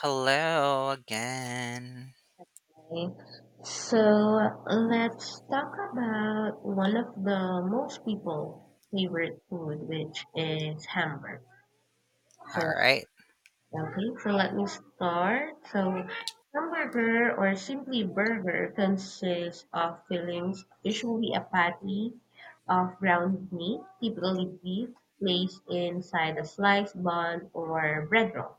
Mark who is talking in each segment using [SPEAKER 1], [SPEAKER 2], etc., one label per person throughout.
[SPEAKER 1] Hello again.
[SPEAKER 2] Okay, so let's talk about one of the most people favorite food, which is hamburger. So
[SPEAKER 1] All right.
[SPEAKER 2] Okay, so let me start. So, hamburger or simply burger consists of fillings, usually a patty of ground meat, typically beef, placed inside a sliced bun or bread roll.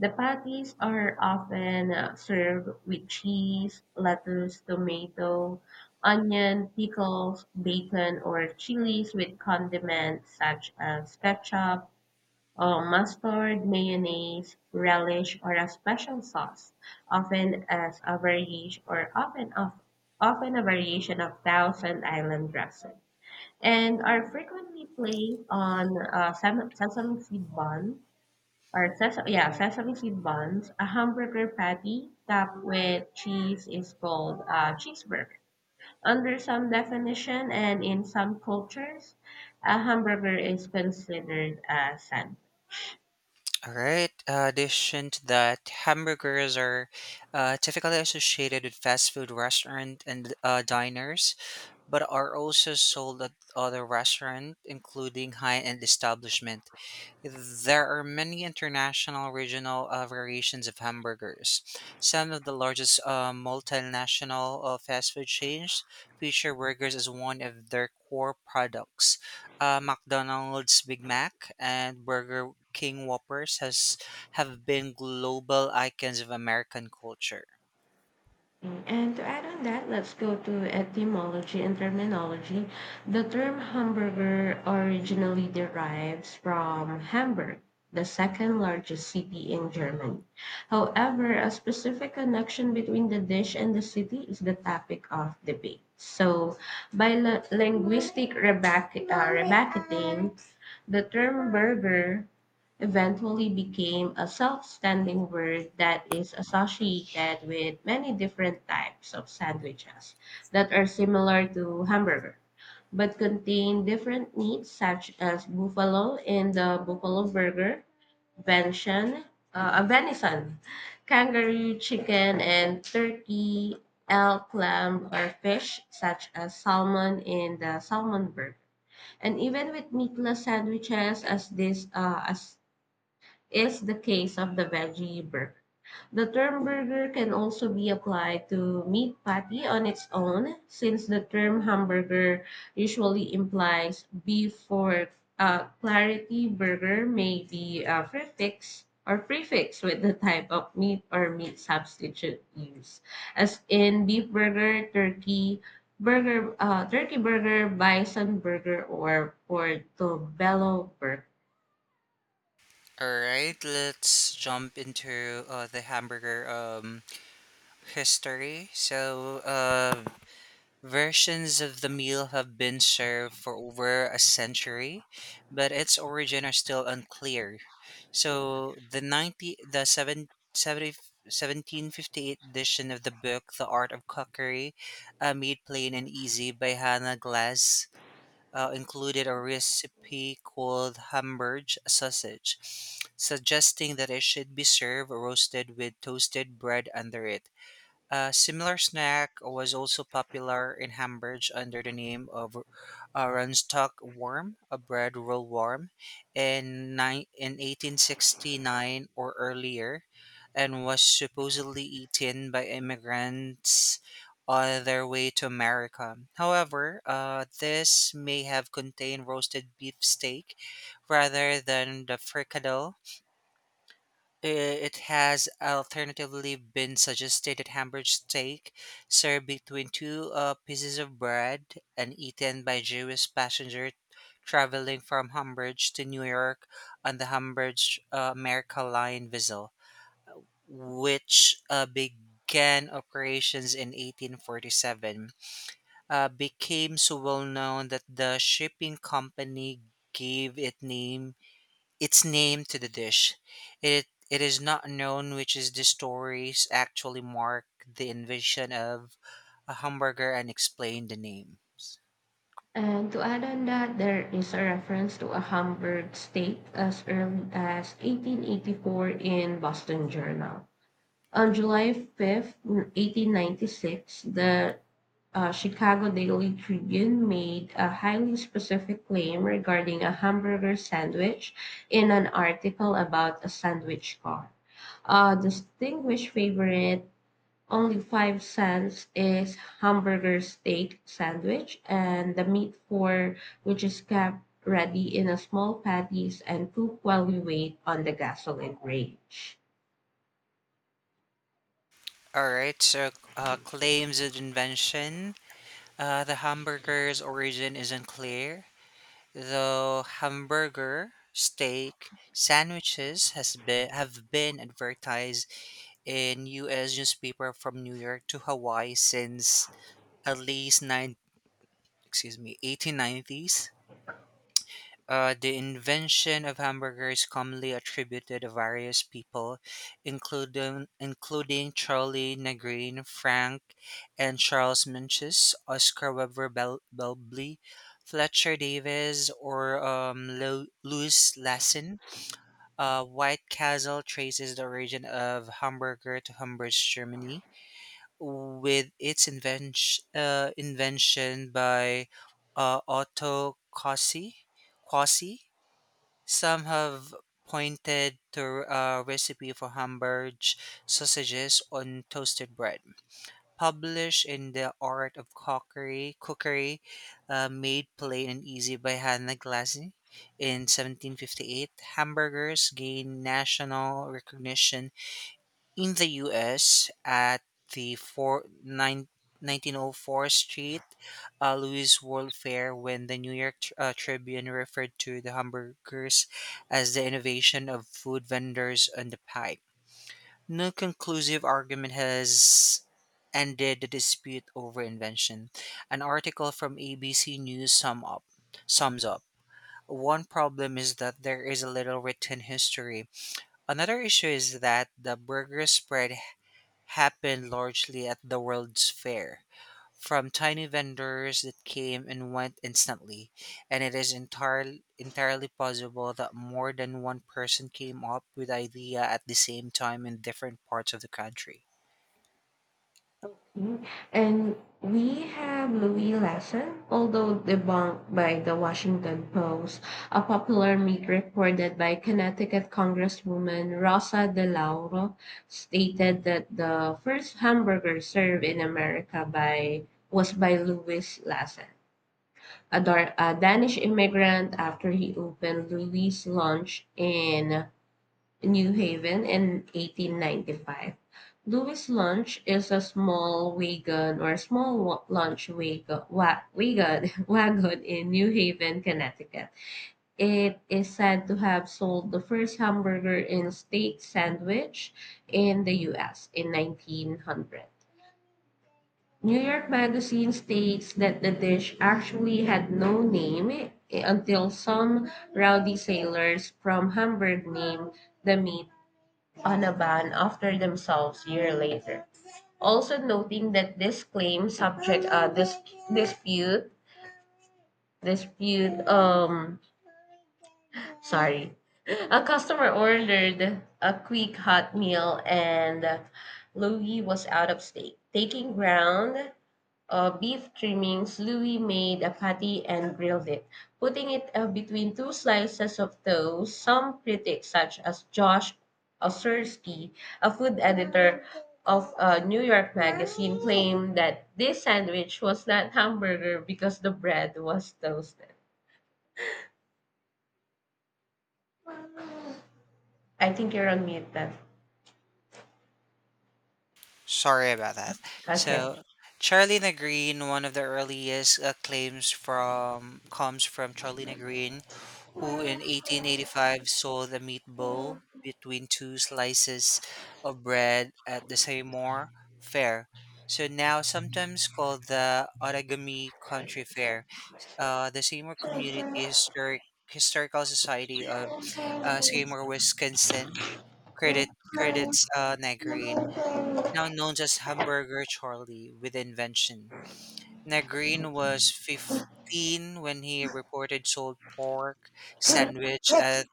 [SPEAKER 2] The patties are often served with cheese, lettuce, tomato, onion, pickles, bacon, or chilies with condiments such as ketchup, or mustard, mayonnaise, relish, or a special sauce, often as a variation or often of often a variation of Thousand Island dressing, and are frequently placed on sesame seed buns or sesame seed buns. A hamburger patty topped with cheese is called a cheeseburger. Under some definition and in some cultures, a hamburger is considered a sandwich.
[SPEAKER 1] All right. Addition to that, hamburgers are typically associated with fast food restaurant and diners, but are also sold at other restaurants, including high-end establishment. There are many international regional variations of hamburgers. Some of the largest multinational fast food chains feature burgers as one of their core products. McDonald's Big Mac and Burger King Whoppers has have been global icons of American culture.
[SPEAKER 2] And to add on that, let's go to etymology and terminology. The term hamburger originally derives from Hamburg, the second largest city in Germany. However, a specific connection between the dish and the city is the topic of debate. So, by linguistic rebacketing, the term burger eventually became a self-standing word that is associated with many different types of sandwiches that are similar to hamburger but contain different meats such as buffalo in the buffalo burger, venison, venison, kangaroo chicken and turkey, elk, lamb or fish such as salmon in the salmon burger. And even with meatless sandwiches as this as is the case of the veggie burger. The term burger can also be applied to meat patty on its own, since the term hamburger usually implies beef for clarity. Burger may be a prefix or prefix with the type of meat or meat substitute used, as in beef burger, turkey burger, bison burger, or portobello burger.
[SPEAKER 1] All right, let's jump into the hamburger history. Versions of the meal have been served for over a century, but its origin are still unclear. So the 90 the 7, 70, 1758 edition of the book The Art of Cookery, made plain and easy by Hannah Glass, included a recipe called Hamburg sausage, suggesting that it should be served roasted with toasted bread under it. A similar snack was also popular in Hamburg under the name of Rundstock worm, a bread roll worm, in 1869 or earlier, and was supposedly eaten by immigrants on their way to America. However, this may have contained roasted beef steak rather than the fricadelle. I- It has alternatively been suggested that Hamburg steak, served between two pieces of bread and eaten by Jewish passenger traveling from Hamburg to New York on the Hamburg America Line vessel, which began operations in 1847, became so well known that the shipping company gave it name its name to the dish. It is not known which is the stories actually mark the invention of a hamburger and explain the names.
[SPEAKER 2] And to add on that, there is a reference to a Hamburg steak as early as 1884 in Boston Journal. On July 5th, 1896, the Chicago Daily Tribune made a highly specific claim regarding a hamburger sandwich in an article about a sandwich car. A distinguished favorite only 5 cents is hamburger steak sandwich, and the meat for which is kept ready in a small patties and cooked while we wait on the gasoline range.
[SPEAKER 1] All right, so claims of invention. The hamburger's origin is unclear, though hamburger, steak, sandwiches has been have been advertised in U.S. newspaper from New York to Hawaii since at least nine excuse me 1890s. The invention of hamburger is commonly attributed to various people, including Charlie Negrene, Frank, and Charles Minchus, Oscar Weber Belbly, Fletcher Davis, or Louis Lassen. White Castle traces the origin of hamburger to Hamburg, Germany, with its invention by Otto Cossey. Quasi some have pointed to a recipe for Hamburg sausages on toasted bread, published in The Art of Cookery, Made Plain and Easy by Hannah Glasny. In 1758, hamburgers gained national recognition in the US, at the Nineteen O Four Street, Louis World Fair, when the New York Tribune referred to the hamburgers as the innovation of food vendors on the pie. No conclusive argument has ended the dispute over invention. An article from ABC News sums up. One problem is that there is a little written history. Another issue is that the burger spread happened largely at the World's Fair, from tiny vendors that came and went instantly, and it is entirely possible that more than one person came up with idea at the same time in different parts of the country.
[SPEAKER 2] Mm. And we have Louis Lassen, although debunked by the Washington Post, a popular myth reported by Connecticut Congresswoman Rosa DeLauro stated that the first hamburger served in America by was by Louis Lassen, a Danish immigrant after he opened Louis' Lunch in New Haven in 1895. Louis Lunch is a small wagon or small wa- lunch wagon, wa- wagon, wagon in New Haven, Connecticut. It is said to have sold the first hamburger and steak sandwich in the US in 1900. New York Magazine states that the dish actually had no name until some rowdy sailors from Hamburg named the meat on a ban after themselves year later. Also noting that this claim subject this dispute dispute sorry a customer ordered a quick hot meal and Louis was out of state, taking ground beef trimmings, Louis made a patty and grilled it, putting it between two slices of toast. Some critics, such as Josh Osersky, a food editor of New York Magazine, claimed that this sandwich was not hamburger because the bread was toasted. I think you're on mute then.
[SPEAKER 1] Sorry about that.
[SPEAKER 2] Okay.
[SPEAKER 1] So, Charlie na Green, one of the earliest claims from comes from Charlie na Green, who in 1885 sold a meatball between two slices of bread at the Seymour Fair. So now sometimes called the Origami Country Fair. The Seymour Community Historic Historical Society of Seymour, Wisconsin credit credits Negrin, now known as Hamburger Charlie, with the invention. Negrine was 15 when he reported sold pork sandwich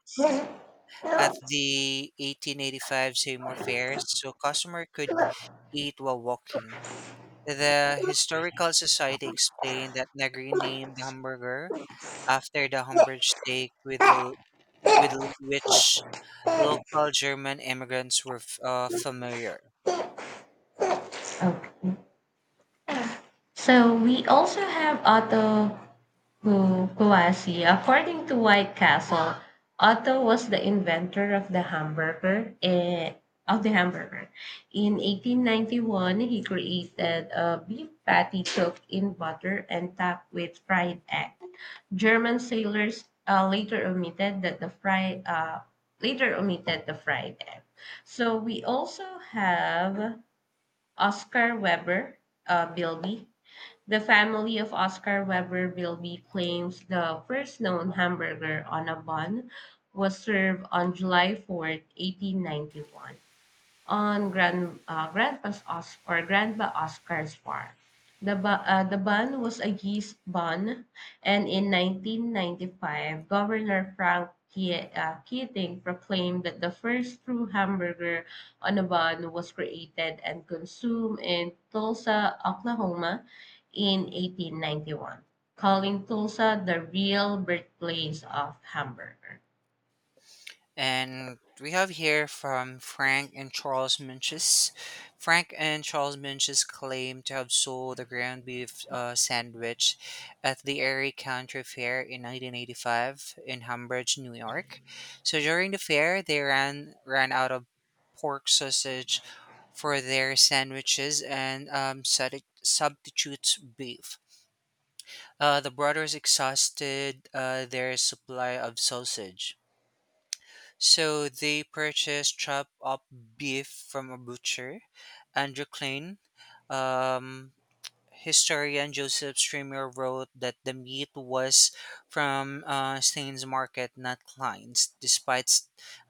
[SPEAKER 1] at the 1885 Seymour Fair, so customer could eat while walking. The Historical Society explained that Negrine
[SPEAKER 2] Okay.
[SPEAKER 1] named the hamburger after the Hamburg steak with which local German immigrants were familiar.
[SPEAKER 2] So we also have other Who Kouassi. According to White Castle, Otto was the inventor of the hamburger. Of the hamburger. In 1891, he created a beef patty cooked in butter and topped with fried egg. German sailors later omitted that the fried later omitted the fried egg. So we also have Oscar Weber, Bilby, the family of Oscar Weber Bilby claims the first known hamburger on a bun was served on July 4th, 1891 on Grandpa's or Grandpa Oscar's farm. The ban was a yeast ban, and in 1995, Governor Frank Keating proclaimed that the first true hamburger on a bun was created and consumed in Tulsa, Oklahoma, in 1891, calling Tulsa the real birthplace of hamburger.
[SPEAKER 1] And we have here from Frank and Charles Minches. Frank and Charles Minches claim to have sold a ground beef sandwich at the Erie County Fair in 1985 in Hambridge, New York. So during the fair, they ran out of pork sausage for their sandwiches and substitutes beef. The brothers exhausted their supply of sausage. So they purchased chopped up beef from a butcher, Andrew Klein. Um, Historian Joseph Streamer wrote that the meat was from Stein's market, not Klein's, despite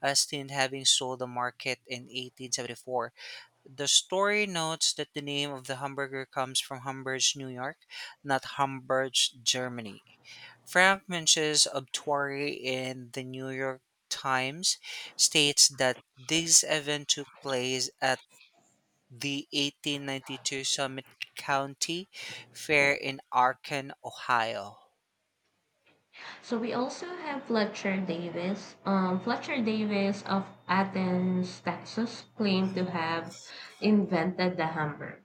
[SPEAKER 1] Stein having sold the market in 1874. The story notes that the name of the hamburger comes from Hamburg, New York, not Hamburg, Germany. Frank Munch's obituary in the New York Times states that this event took place at the 1892 Summit County Fair in Akron, Ohio.
[SPEAKER 2] So we also have Fletcher Davis. Fletcher Davis of Athens, Texas, claimed to have invented the hamburger.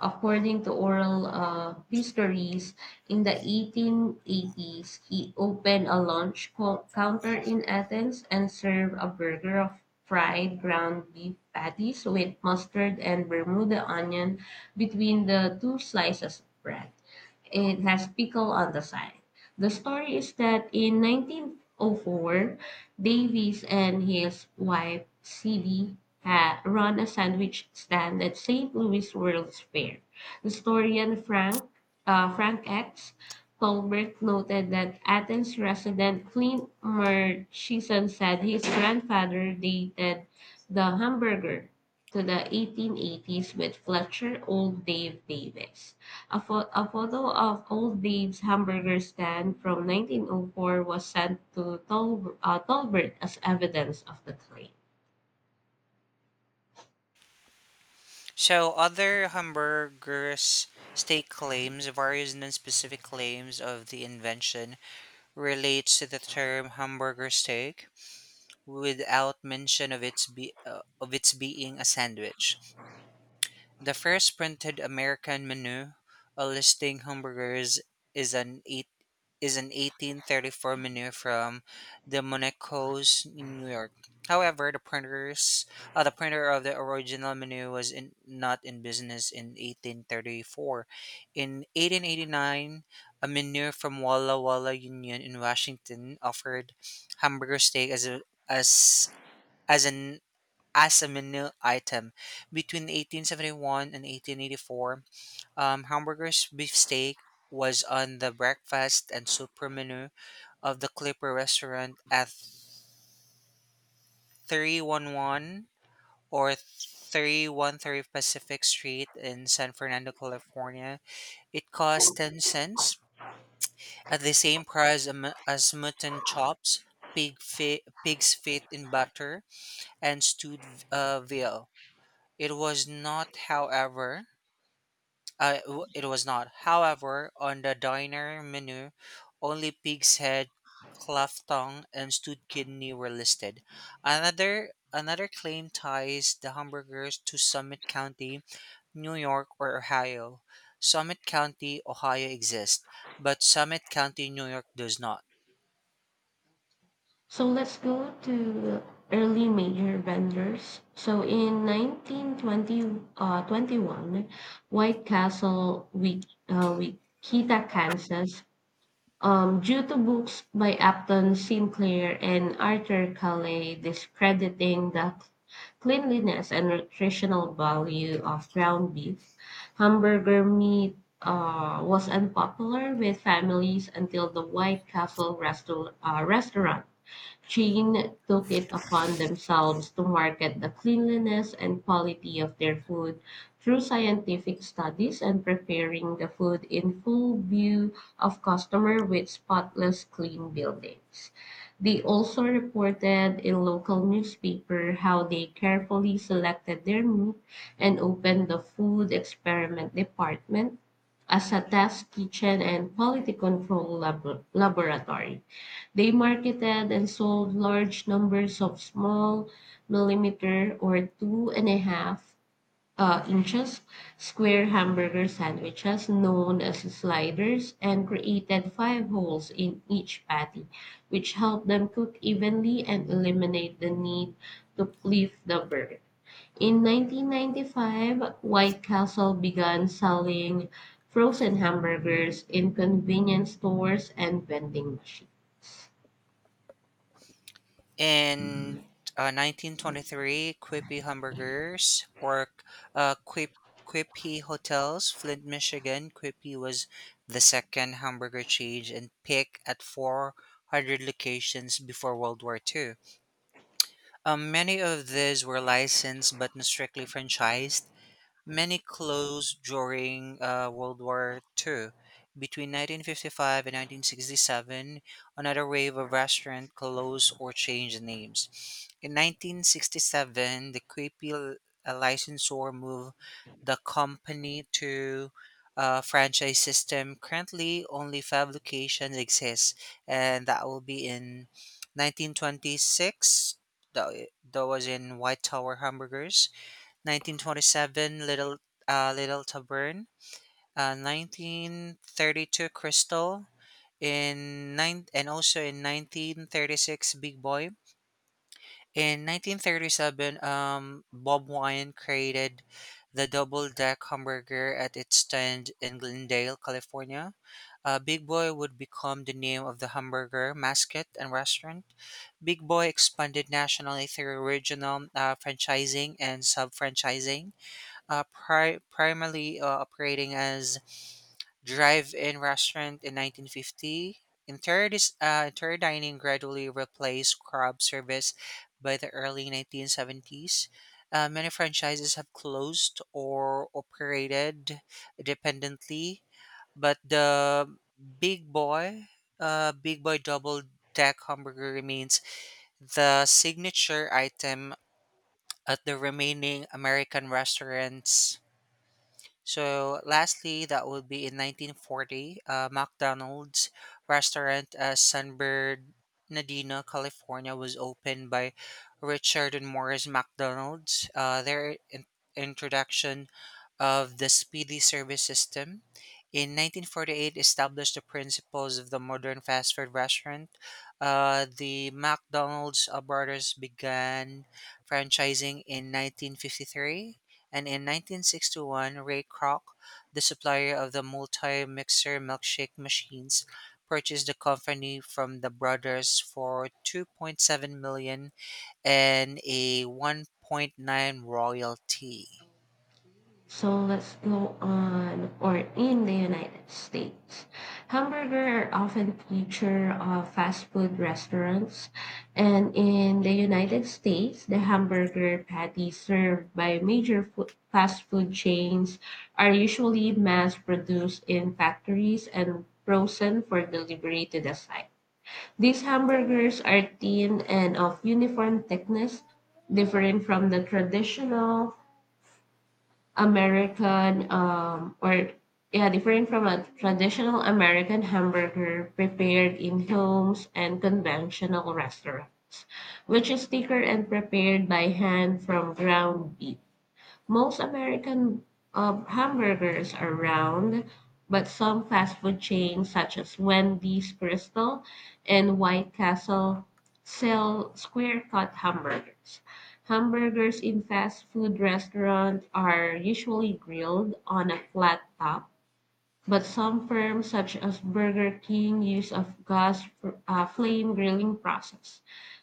[SPEAKER 2] According to oral histories, in the 1880s, he opened a lunch counter in Athens and served a burger of fried ground beef patties with mustard and Bermuda onion between the two slices of bread. It has pickle on the side. The story is that in 1904, Davies and his wife, Sidney, run a sandwich stand at St. Louis World's Fair. Historian Frank X. Tolbert noted that Athens resident Clint Murchison said his grandfather dated the hamburger to the 1880s with Fletcher Old Dave Davis. A photo of Old Babe's hamburger stand from 1904 was sent to Tolbert as evidence of the claim.
[SPEAKER 1] So other hamburgers state claims, various non-specific claims of the invention relates to the term hamburger steak without mention of its being a sandwich. The first printed American menu listing hamburgers is an eight is an 1834 menu from the Monaco's in New York. However, the printer of the original menu was not in business in 1834. In 1889, a menu from Walla Walla Union in Washington offered hamburger steak as a as as an as a menu item. Between 1871 and 1884, hamburgers beefsteak was on the breakfast and super menu of the Clipper restaurant at 311 or 313 Pacific Street in San Fernando, California. It cost 10 cents at the same price as mutton chops, pig's feet in butter, and stewed veal. It was not, however, it was not, however, on the diner menu, only pig's head, cleft tongue, and stewed kidney were listed. Another claim ties the hamburgers to Summit County, New York, or Ohio. Summit County, Ohio exists, but Summit County, New York does not.
[SPEAKER 2] So let's go to early major vendors. So in 1920, 21, White Castle, Wikita, Kansas. Due to books by Upton Sinclair and Arthur Caley discrediting the cleanliness and nutritional value of ground beef, hamburger meat was unpopular with families until the White Castle restaurant chain took it upon themselves to market the cleanliness and quality of their food through scientific studies and preparing the food in full view of customer with spotless clean buildings. They also reported in local newspaper how they carefully selected their meat and opened the food experiment department as a test kitchen and quality control laboratory. They marketed and sold large numbers of small millimeter or two and a half inches square hamburger sandwiches known as sliders and created five holes in each patty, which helped them cook evenly and eliminate the need to pleat the burger. In 1995, White Castle began selling frozen hamburgers in convenience stores and vending machines.
[SPEAKER 1] In 1923, Quippy Hamburgers or uh, Quip, Quippy Hotels, Flint, Michigan. Quippy was the second hamburger chain in pick at 400 locations before World War II. Many of these were licensed but not strictly franchised. Many closed during World War II. Between 1955 and 1967, another wave of restaurants closed or changed names. In 1967, the licensor moved the company to a franchise system. Currently, only five locations exist, and that will be in 1926. That was in White Tower Hamburgers. 1927 Little Tavern, 1932 Crystal, in nine and also in 1936 Big Boy. In 1937, Bob Wine created the double deck hamburger at its stand in Glendale, California. Big Boy would become the name of the hamburger mascot and restaurant. Big Boy expanded nationally through regional franchising and sub franchising primarily operating as drive-in restaurant in 1950. Interior dining gradually replaced crab service by the early 1970s. Many franchises have closed or operated independently, but the Big Boy, Big Boy Double Deck Hamburger remains the signature item at the remaining American restaurants. So, lastly, that would be in 1940. McDonald's restaurant at San Bernardino, California, was opened by Richard and Morris McDonald's. Their introduction of the speedy service system. In 1948, established the principles of the modern fast food restaurant. The McDonald's brothers began franchising in 1953, and in 1961, Ray Kroc, the supplier of the multi-mixer milkshake machines, purchased the company from the brothers for 2.7 million and a 1.9 royalty.
[SPEAKER 2] So let's go on or in the United States. Hamburger are often feature of fast food restaurants and in the United States, the hamburger patties served by major food, fast food chains are usually mass produced in factories and frozen for delivery to the site. These hamburgers are thin and of uniform thickness, differing from the traditional American, or yeah, different from a traditional American hamburger prepared in homes and conventional restaurants, which is thicker and prepared by hand from ground beef. Most American hamburgers are round, but some fast food chains such as Wendy's Crystal and White Castle sell square-cut hamburgers. Hamburgers in fast food restaurants are usually grilled on a flat top but some firms, such as Burger King, use a gas flame grilling process.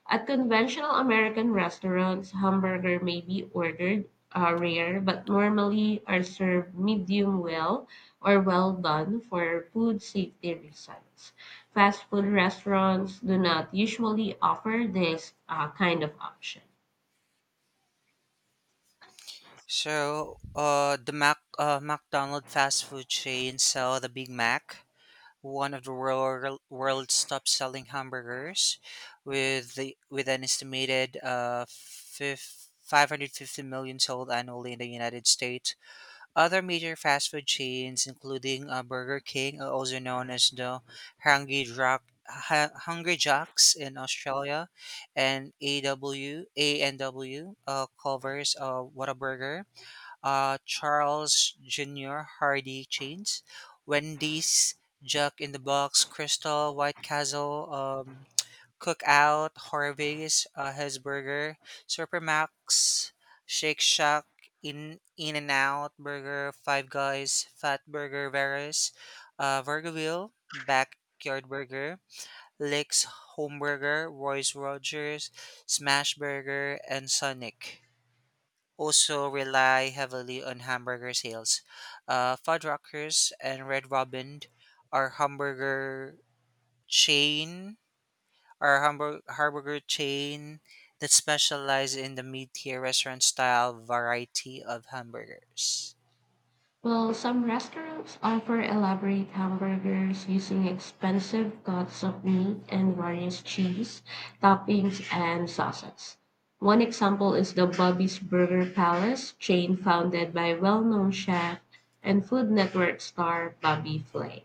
[SPEAKER 2] At conventional American restaurants, hamburger may be ordered rare, but normally are served medium well or well done for food safety reasons. Fast food restaurants do not usually offer this kind of option.
[SPEAKER 1] So, the Mac McDonald fast food chain sell the Big Mac, one of the world's top selling hamburgers, with an estimated 550 million sold annually in the United States. Other major fast food chains, including Burger King, also known as the Hungry Jack, Hungry Jacks in Australia, and AW, and w uh, covers uh, Whataburger, Charles Jr., Hardy Chains, Wendy's, Jack in the Box, Crystal, White Castle, Cookout, Harvey's, His Burger, Supermax, Shake Shack, In and Out Burger, Five Guys, Fat Burger, Varus, Burger Wheel, Backyard Burger, Lick's Home Burger, Royce Rogers, Smash Burger, and Sonic also rely heavily on hamburger sales. Fuddruckers and Red Robin are hamburger chain are hamburg- hamburger chain that specialize in the mid-tier restaurant style variety of hamburgers.
[SPEAKER 2] Well, some restaurants offer elaborate hamburgers using expensive cuts of meat and various cheese, toppings, and sauces. One example is the Bobby's Burger Palace chain founded by well known chef and Food Network star Bobby Flay.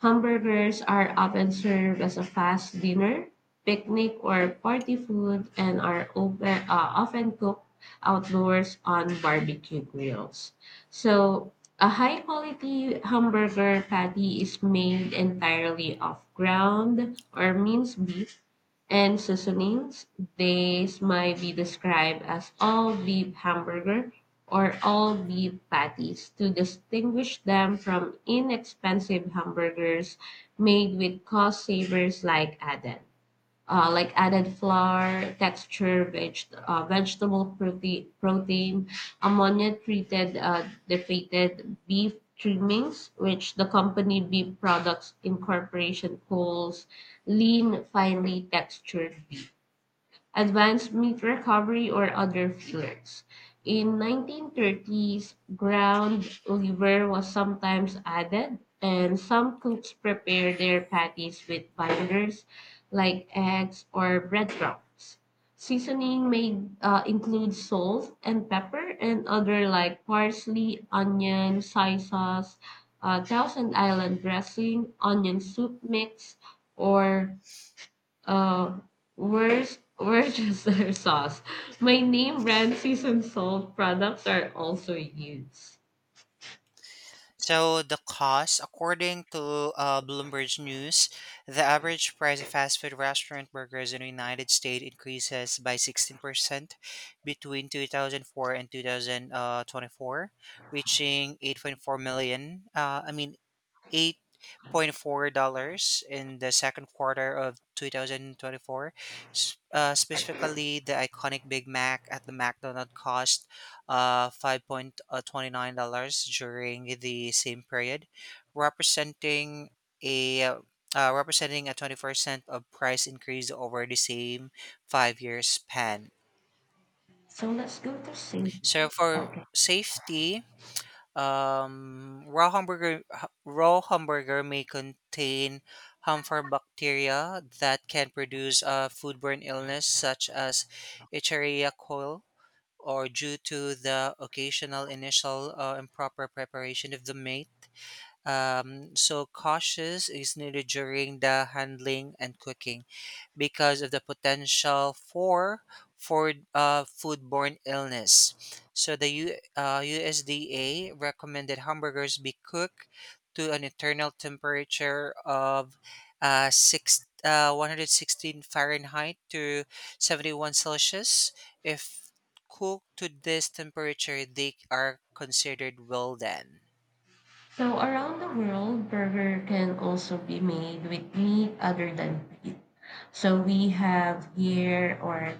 [SPEAKER 2] Hamburgers are often served as a fast dinner, picnic, or party food and are often cooked outdoors on barbecue grills. So, a high quality hamburger patty is made entirely of ground or minced beef and seasonings. These might be described as all beef hamburger or all beef patties to distinguish them from inexpensive hamburgers made with cost savers like Aden, like added flour, texture, vegetable protein, ammonia treated deflated beef trimmings, which the company Beef Products Incorporation calls lean, finely textured advanced meat recovery, or other fillers. In 1930s, ground liver was sometimes added, and some cooks prepare their patties with binders like eggs or breadcrumbs. Seasoning may include salt and pepper and other like parsley, onion, soy sauce, Thousand Island dressing, onion soup mix, or uh, where's Worcestershire sauce? My name brand seasoned salt products are also used.
[SPEAKER 1] So the cost, according to Bloomberg News, the average price of fast food restaurant burgers in the United States increases by 16% between 2004 and 2024, reaching 8.4 million. $8.4 in the second quarter of 2024. Specifically, the iconic Big Mac at the McDonald's cost $5.29 during the same period, representing a uh, representing a 24% of price increase over the same 5 years span.
[SPEAKER 2] So let's go to season.
[SPEAKER 1] So for safety, raw hamburger may contain harmful bacteria that can produce a foodborne illness such as Escherichia coli, or due to the occasional initial improper preparation of the meat. So cautious is needed during the handling and cooking because of the potential for foodborne illness. So the USDA recommended hamburgers be cooked to an internal temperature of 116 Fahrenheit to 71 Celsius. If cooked to this temperature, they are considered well done.
[SPEAKER 2] So around the world, burger can also be made with meat other than beef. So we have here, or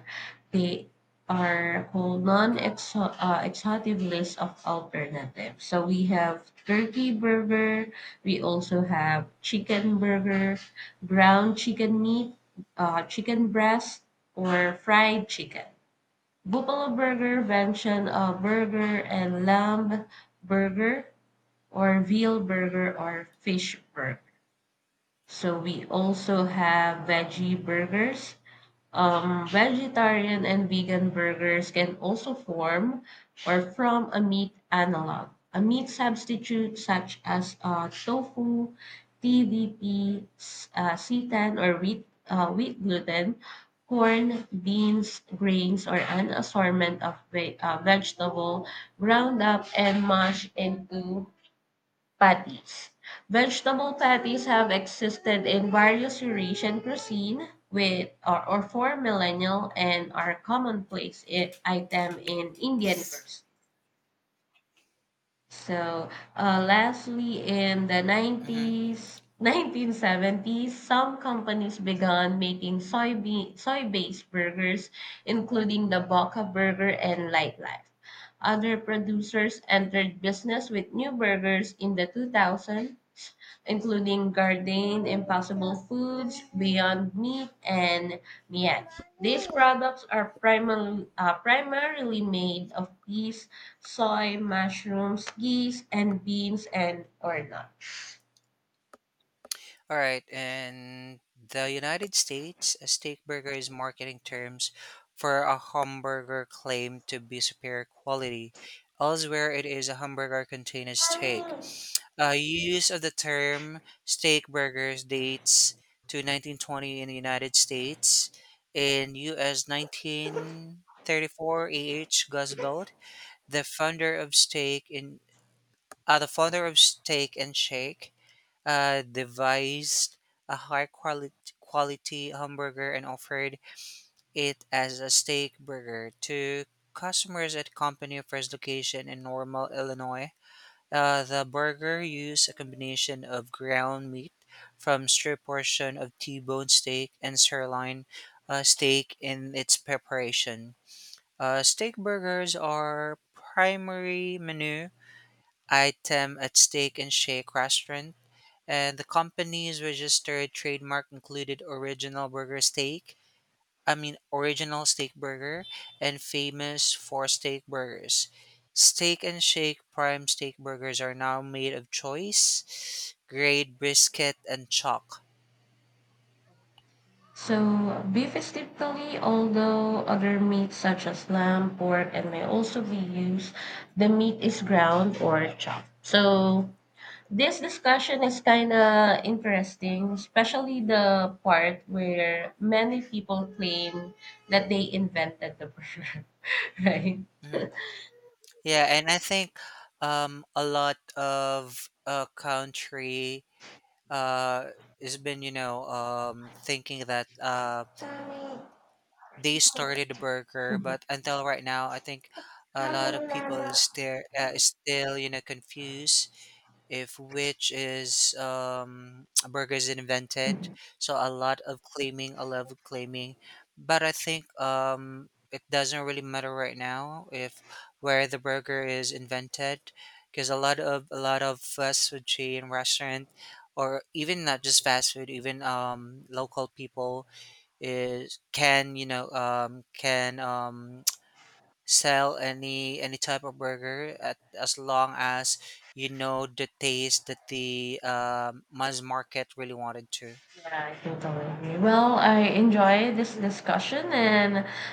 [SPEAKER 2] they are called non-exhaustive exhaustive list of alternatives. So we have turkey burger. We also have chicken burger, ground chicken meat, chicken breast, or fried chicken. Buffalo burger, venison burger, and lamb burger or veal burger or fish burger. So we also have veggie burgers. Vegetarian and vegan burgers can also form or from a meat analog. A meat substitute such as tofu, TVP, seitan or wheat gluten, corn, beans, grains, or an assortment of vegetable ground up and mashed into Patties. Vegetable patties have existed in various Eurasian cuisine with or for millennia and are commonplace item in Indian cuisine. So, lastly, in the
[SPEAKER 1] Mhm.
[SPEAKER 2] 90s, 1970s, some companies began making soybean, soy-based burgers, including the Boca Burger and Lightlife. Other producers entered business with new burgers in the 2000s, including Gardein, Impossible Foods, Beyond Meat, and Mian. These products are primarily made of peas, soy, mushrooms, geese, and beans, and or not.
[SPEAKER 1] All right, in the United States, a steak burger is marketing terms for a hamburger claimed to be superior quality. Elsewhere, it is a hamburger containing steak. Use of the term steak burgers dates to 1920 in the United States. In U.S. 1934, A.H. Guzbelt, the founder of steak in the founder of Steak and Shake, devised a high quality quality hamburger and offered it as a steak burger to customers at company first location in Normal, Illinois. The burger used a combination of ground meat from strip portion of T-bone steak and sirloin steak in its preparation. Steak burgers are primary menu item at Steak and Shake restaurant and the company's registered trademark included Original Steak Burger, and Famous for Steak Burgers. Steak and Shake Prime Steak Burgers are now made of choice, grade brisket, and chalk.
[SPEAKER 2] So beef is typically, although other meats such as lamb, pork, and may also be used, the meat is ground or chopped. So this discussion is kind of interesting, especially the part where many people claim that they invented the burger, right?
[SPEAKER 1] Mhm. Yeah, and I think a lot of country uh, has been, you know, thinking that. They started the burger,
[SPEAKER 2] Mhm.
[SPEAKER 1] but until right now, I think a lot of people is still you know confused if which is burger is invented. So a lot of claiming, but I think it doesn't really matter right now if where the burger is invented, because a lot of fast food chain restaurant. Or even not just fast food, even local people is can you know can sell any type of burger as long as you know the taste that the mass market really wanted to
[SPEAKER 2] Yeah, I totally agree. Well, I enjoy this discussion and